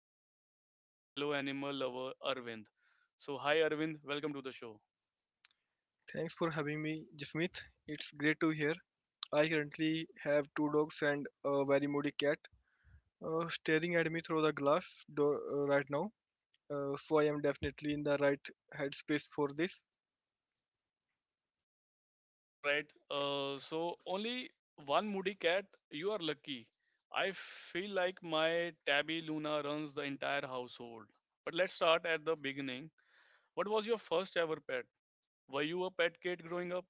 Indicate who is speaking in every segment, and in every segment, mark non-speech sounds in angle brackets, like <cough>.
Speaker 1: my good friend and fellow animal lover Arvind. So, hi Arvind, welcome to the show.
Speaker 2: Thanks for having me, Jasmeet. It's great to hear. I currently have two dogs and a very moody cat staring at me through the glass door right now. So I am definitely in the right headspace for this.
Speaker 1: All right, so only one moody cat, you are lucky. I feel like my tabby Luna runs the entire household. But let's start at the beginning. What was your first ever pet? Were you a pet kid growing up?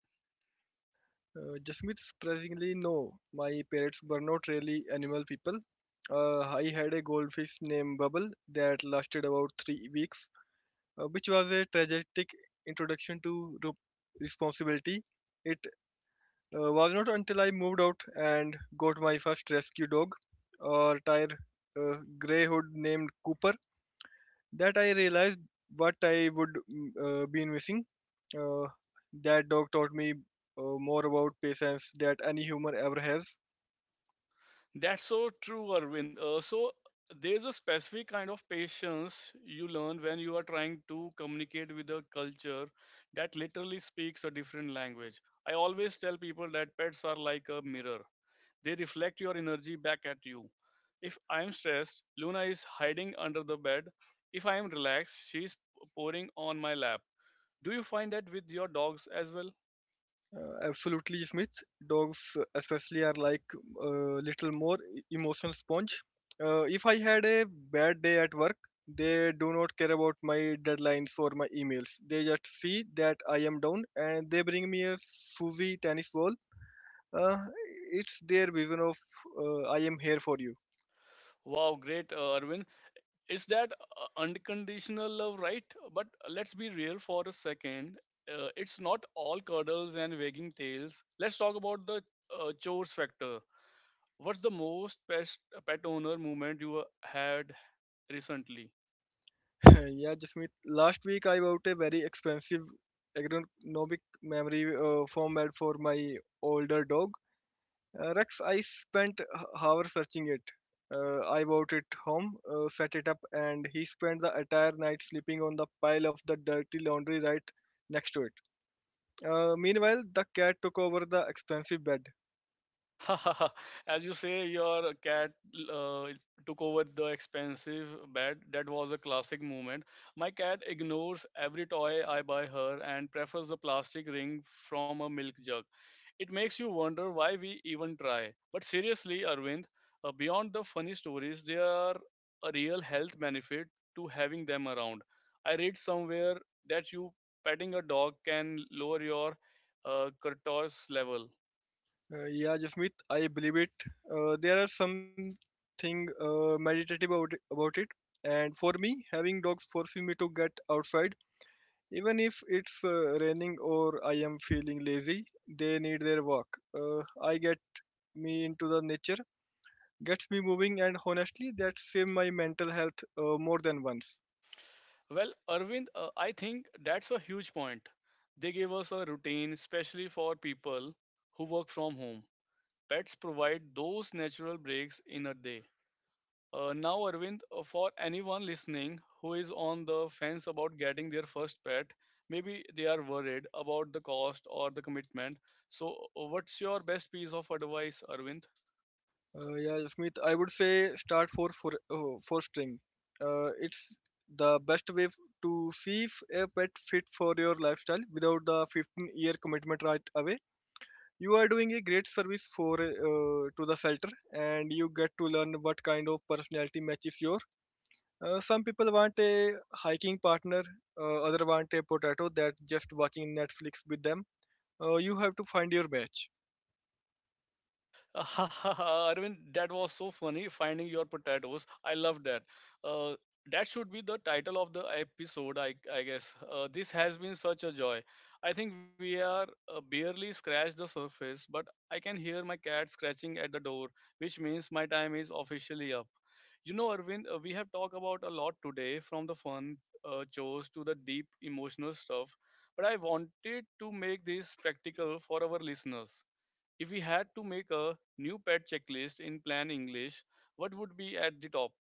Speaker 2: Jasmeet, surprisingly, no. My parents were not really animal people. I had a goldfish named Bubble that lasted about 3 weeks, which was a tragic introduction to responsibility. It Was not until I moved out and got my first rescue dog, a tired grey hood named Cooper, that I realized what I would been missing. Uh, that dog taught me more about patience that any human ever has.
Speaker 1: That's so true, Arvind. So there's a specific kind of patience you learn when you are trying to communicate with a culture that literally speaks a different language. I always tell people that pets are like a mirror. They reflect your energy back at you. If I'm stressed, Luna is hiding under the bed. If I am relaxed, she's pouring on my lap. Do you find that with your dogs as well?
Speaker 2: Absolutely, Smith. Dogs, especially, are like a little more emotional sponge. If I had a bad day at work, they do not care about my deadlines or my emails. They just see that I am down and they bring me a Suzy tennis ball. Uh, it's their vision of I am here for you.
Speaker 1: Wow, great, Arvind. Is that unconditional love, right? But let's be real for a second. It's not all cuddles and wagging tails. Let's talk about the chores factor. What's the pet owner moment you had recently?
Speaker 2: <laughs> yeah, Jasmeet. Last week I bought a very expensive ergonomic memory foam bed for my older dog Rex. I spent hours searching it. I bought it home, set it up, and he spent the entire night sleeping on the pile of the dirty laundry right next to it. Meanwhile, the cat took over the expensive bed.
Speaker 1: <laughs> As you say, your cat uh, took over the expensive bed. That was a classic moment. My cat ignores every toy I buy her and prefers a plastic ring from a milk jug. It makes you wonder why we even try. But seriously, Arvind, beyond the funny stories, there are a real health benefit to having them around. I read somewhere that you petting a dog can lower your cortisol level.
Speaker 2: Yeah, Jasmeet, I believe it. There are something meditative about it. And for me, having dogs forces me to get outside. Even if it's raining or I am feeling lazy, they need their walk. I get me into the nature, gets me moving, and honestly that saved my mental health more than once.
Speaker 1: Well, Arvind, I think that's a huge point. They gave us a routine, especially for people who work from home. Pets provide those natural breaks in a day. Now, Arvind, for anyone listening who is on the fence about getting their first pet, maybe they are worried about the cost or the commitment. So, what's your best piece of advice, Arvind?
Speaker 2: Yeah Smith, I would say start for string. It's the best way to see if a pet fit for your lifestyle without the 15-year commitment right away. You are doing a great service for to the shelter and you get to learn what kind of personality matches your some people want a hiking partner, other want a potato that just watching netflix with them. You have to find your match.
Speaker 1: <laughs> Arvind, that was so funny finding your potatoes. I love that. Uh, that should be the title of the episode, I guess. This has been such a joy. I think we are barely scratched the surface, but I can hear my cat scratching at the door, which means my time is officially up. You know, Arvind, we have talked about a lot today from the fun chores to the deep emotional stuff, but I wanted to make this practical for our listeners. If we had to make a new pet checklist in Plan English, what would be at the top?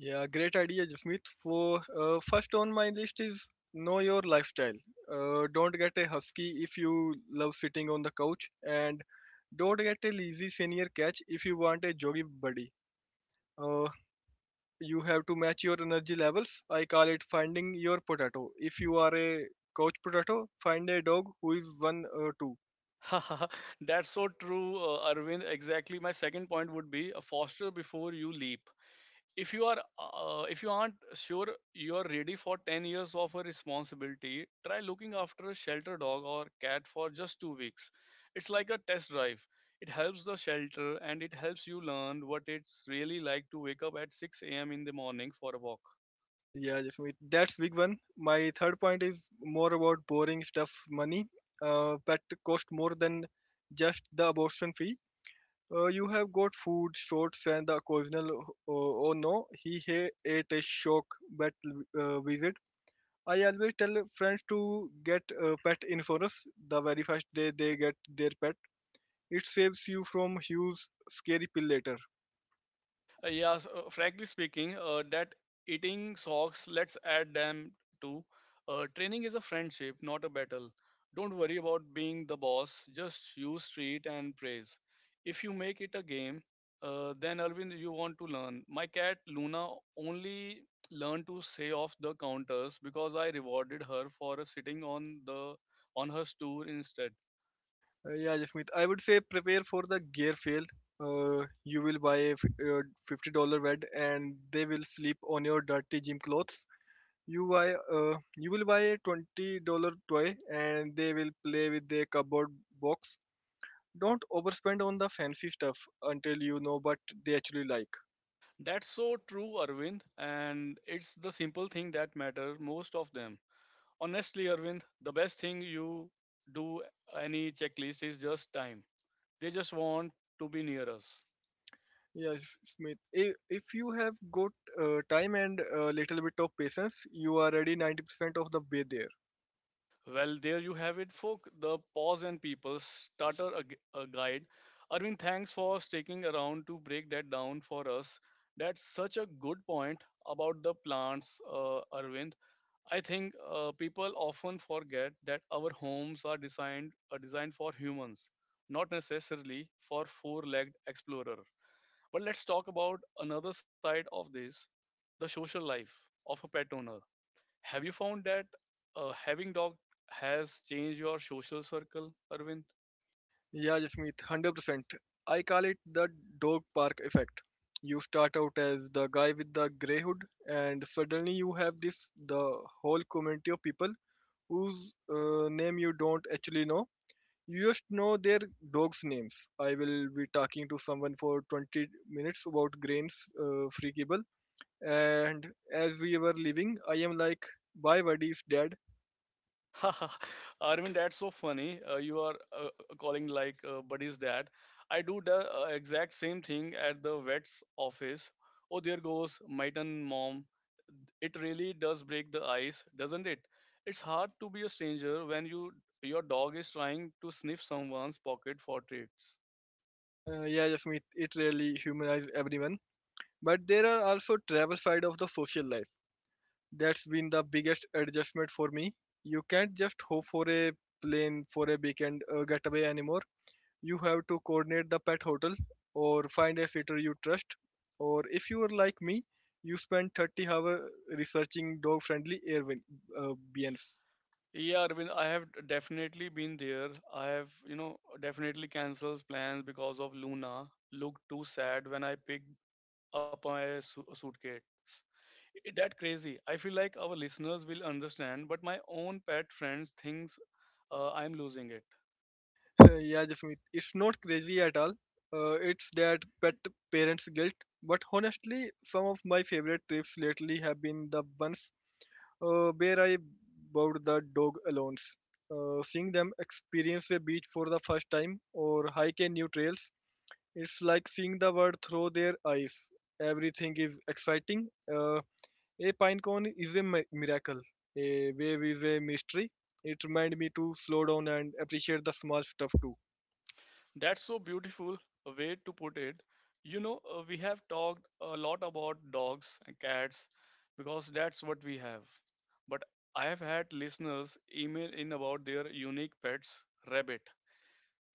Speaker 2: Yeah, great idea, Jasmeet. For first on my list is know your lifestyle. Don't get a husky if you love sitting on the couch, and don't get a lazy senior catch if you want a joggy buddy. Uh, you have to match your energy levels. I call it finding your potato. If you are a couch potato, find a dog who is one or two.
Speaker 1: <laughs> That's so true, Arvind. Exactly. My second point would be a foster before you leap. If you aren't sure you are ready for 10 years of a responsibility, try looking after a shelter dog or cat for just 2 weeks. It's like a test drive. It helps the shelter and it helps you learn what it's really like to wake up at 6 a.m. in the morning for a walk.
Speaker 2: Yeah, Jasmeet, that's big one. My third point is more about boring stuff, money. Pet cost more than just the abortion fee. You have got food, shorts, and the occasional. Oh, oh no, he ate a shock vet visit. I always tell friends to get pet insurance the very first day they get their pet. It saves you from huge scary pill later.
Speaker 1: Frankly speaking, that eating socks, let's add them to. Training is a friendship, not a battle. Don't worry about being the boss, just use treat and praise. If you make it a game, then Arvind, you want to learn. My cat Luna only learned to say off the counters because I rewarded her for sitting on the on her stool instead.
Speaker 2: Yeah, Jasmeet, I would say prepare for the gear fail. You will buy a $50 bed and they will sleep on your dirty gym clothes. You will buy a $20 toy and they will play with their cupboard box. Don't overspend on the fancy stuff until you know what they actually like.
Speaker 1: That's so true, Arvind, and it's the simple thing that matter most of them. Honestly Arvind, the best thing you do any checklist is just time. They just want to be near us.
Speaker 2: Yes, Smith. If you have got time and a little bit of patience, you are already 90% of the way there.
Speaker 1: Well there you have it folk, the pause and people starter a guide. Arvind, thanks for sticking around to break that down for us. That's such a good point about the plants. Arvind, I think people often forget that our homes are designed for humans, not necessarily for four legged explorer. But let's talk about another side of this, the social life of a pet owner. Have you found that having dog has changed your social circle, Arvind?
Speaker 2: Yeah, Jasmeet, 100%. I call it the dog park effect. You start out as the guy with the grey hood, and suddenly you have this the whole community of people whose name you don't actually know. You just know their dogs' names. I will be talking to someone for 20 minutes about grains, free cable, and as we were leaving, I am like, "Bye, buddy, it's dead."
Speaker 1: <laughs> Arvind, that's so funny. You are uh, calling like buddies that. I do the exact same thing at the vet's office. Oh, there goes my turn, mom. It really does break the ice, doesn't it? It's hard to be a stranger when you your dog is trying to sniff someone's pocket for treats.
Speaker 2: Yeah, Jasmeet, it really humanizes everyone. But there are also travel side of the social life. That's been the biggest adjustment for me. You can't just hope for a plane for a weekend getaway anymore. You have to coordinate the pet hotel or find a sitter you trust. Or if you are like me, you spend 30 hours researching dog friendly Airbnbs.
Speaker 1: Yeah, Arvind, I have definitely been there. I have, you know, definitely cancels plans because of Luna. Looked too sad when I picked up my su suitcase. It, that crazy. I feel like our listeners will understand, but my own pet friends thinks I'm losing it.
Speaker 2: <laughs> yeah, Jasmeet, it's not crazy at all. It's that pet parents' guilt. But honestly, some of my favorite trips lately have been the ones where I bowed the dog alone. Seeing them experience a beach for the first time or hike a new trails, it's like seeing the world through their eyes. Everything is exciting. A pine cone is a miracle. A wave is a mystery. It reminded me to slow down and appreciate the small stuff too.
Speaker 1: That's so beautiful a way to put it. You know, we have talked a lot about dogs and cats because that's what we have. But I have had listeners email in about their unique pets rabbit,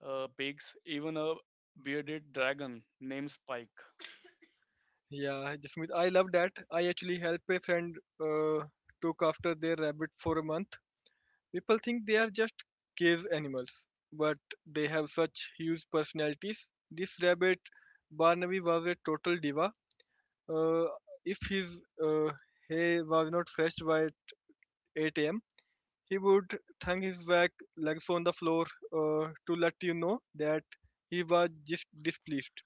Speaker 1: pigs, even a bearded dragon named Spike.
Speaker 2: Yeah, Jasmeet, I love that. I actually helped a friend uh, took after their rabbit for a month. People think they are just cave animals, but they have such huge personalities. This rabbit, Barnaby, was a total diva. Uh, if his hay was not fresh by 8 a.m., he would thang his back legs on the floor to let you know that he was just displeased.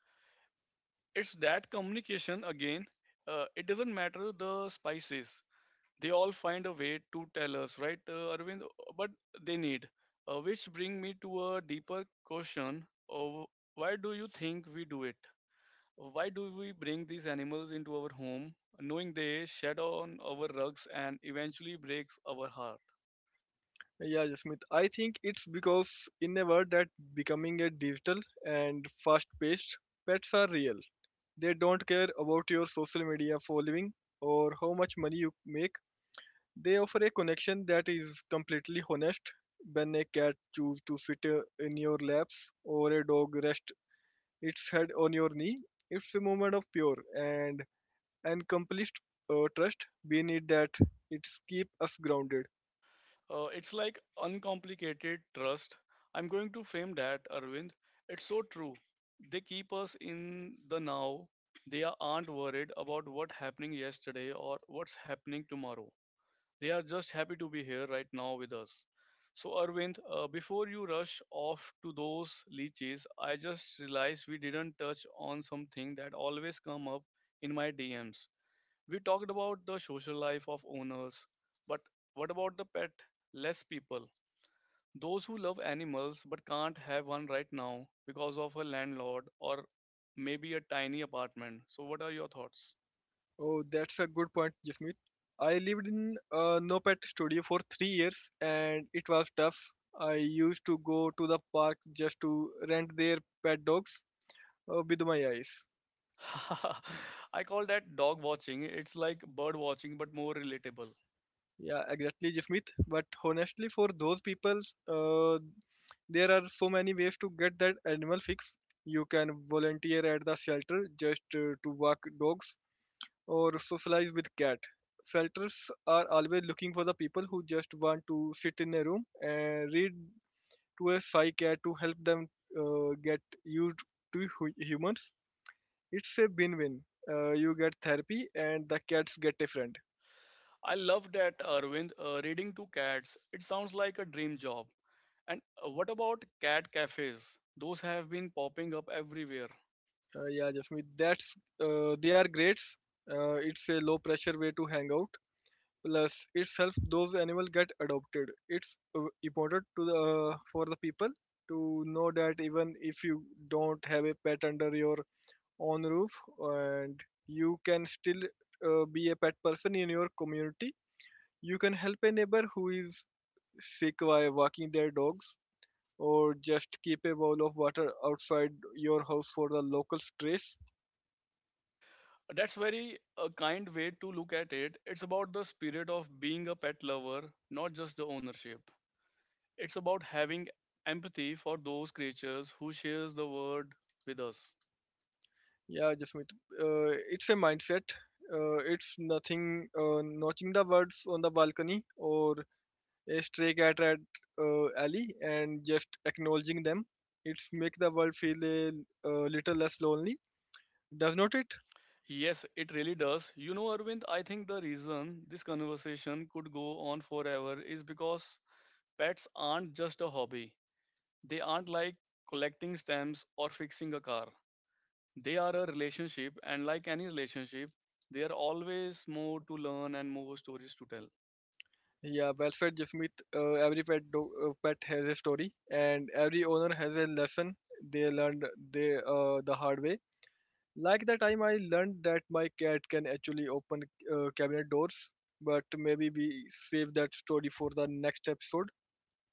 Speaker 1: It's that communication again. It doesn't matter the species, they all find a way to tell us, right, Arvind, but they need. Which bring me to a deeper question of why do you think we do it? Why do we bring these animals into our home, knowing they shed on our rugs and eventually breaks our heart?
Speaker 2: Yeah, Jasmeet. I think it's because in a world that becoming a digital and fast-paced, pets are real. They don't care about your social media following or how much money you make. They offer a connection that is completely honest. When a cat chooses to sit in your laps or a dog rests its head on your knee, it's a moment of pure and accomplished trust. We need that. It's keep us grounded.
Speaker 1: It's like uncomplicated trust. I'm going to frame that, Arvind. It's so true. They keep us in the now. Aren't worried about what's happening yesterday or what's happening tomorrow. They are just happy to be here right now with us. So, Arvind, before you rush off to those leeches, I just realized we didn't touch on something that always come up in my DMs. We talked about the social life of owners, but what about the pet? Less people, those who love animals but can't have one right now because of a landlord or maybe a tiny apartment. So, what are your thoughts?
Speaker 2: Oh, that's a good point, Jasmeet. I lived in a no pet studio for 3 years and it was tough. I used to go to the park just to rent their pet dogs with my eyes.
Speaker 1: <laughs> I call that dog watching. It's like bird watching, but more relatable.
Speaker 2: Yeah, exactly, Jasmeet. But honestly, for those people, uh, there are so many ways to get that animal fix. You can volunteer at the shelter just to walk dogs, or socialize with cat. Shelters are always looking for the people who just want to sit in a room and read to a psy cat to help them get used to humans. It's a win-win. You get therapy and the cats get a friend.
Speaker 1: I love that, Arvind. Reading to cats, it sounds like a dream job. And what about cat cafes? Those have been popping up everywhere.
Speaker 2: Yeah, Jasmeet, that's they are great. It's a low pressure way to hang out, plus it's helps those animals get adopted. It's important to the for the people to know that even if you don't have a pet under your own roof, and you can still be a pet person in your community. You can help a neighbor who is sick by walking their dogs, or just keep a bowl of water outside your house for the local strays.
Speaker 1: That's very a kind way to look at it. It's about the spirit of being a pet lover, not just the ownership. It's about having empathy for those creatures who shares the world with us.
Speaker 2: Yeah, Jasmeet. It's a mindset. It's nothing notching the words on the balcony or a stray cat at alley and just acknowledging them. It's make the world feel a little less lonely, does not it?
Speaker 1: Yes, it really does. You know, Arvind, I think the reason this conversation could go on forever is because pets aren't just a hobby. They aren't like collecting stamps or fixing a car. They are a relationship, and like any relationship, there are always more to learn and more stories to tell.
Speaker 2: Yeah, well said, Jasmeet. Every pet has a story, and every owner has a lesson they learned the hard way. Like the time I learned that my cat can actually open cabinet doors, but maybe we save that story for the next episode.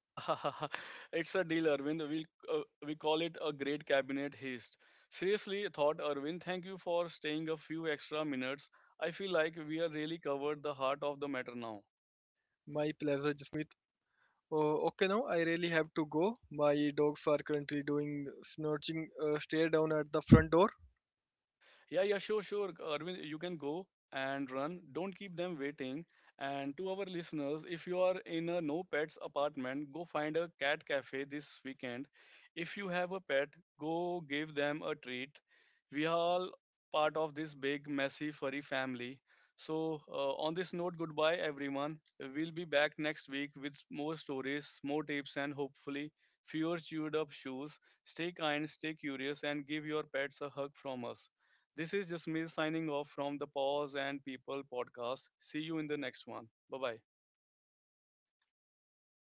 Speaker 1: <laughs> It's a deal, Arvind. Uh, we call it a great cabinet haste. Seriously, thought Arvind. Thank you for staying a few extra minutes. I feel like we are really covered the heart of the matter now.
Speaker 2: My pleasure, Jasmeet. Oh, okay, now I really have to go. My dogs are currently doing snorching stare down at the front door.
Speaker 1: Yeah, yeah, sure, sure. Arvind, you can go and run. Don't keep them waiting. And to our listeners, if you are in a no pets apartment, go find a cat cafe this weekend. If you have a pet, go give them a treat. We are all part of this big, messy, furry family. So, on this note, goodbye, everyone. We'll be back next week with more stories, more tips, and hopefully fewer chewed up shoes. Stay kind, stay curious, and give your pets a hug from us. This is just me signing off from the Pause and People podcast. See you in the next one. Bye bye.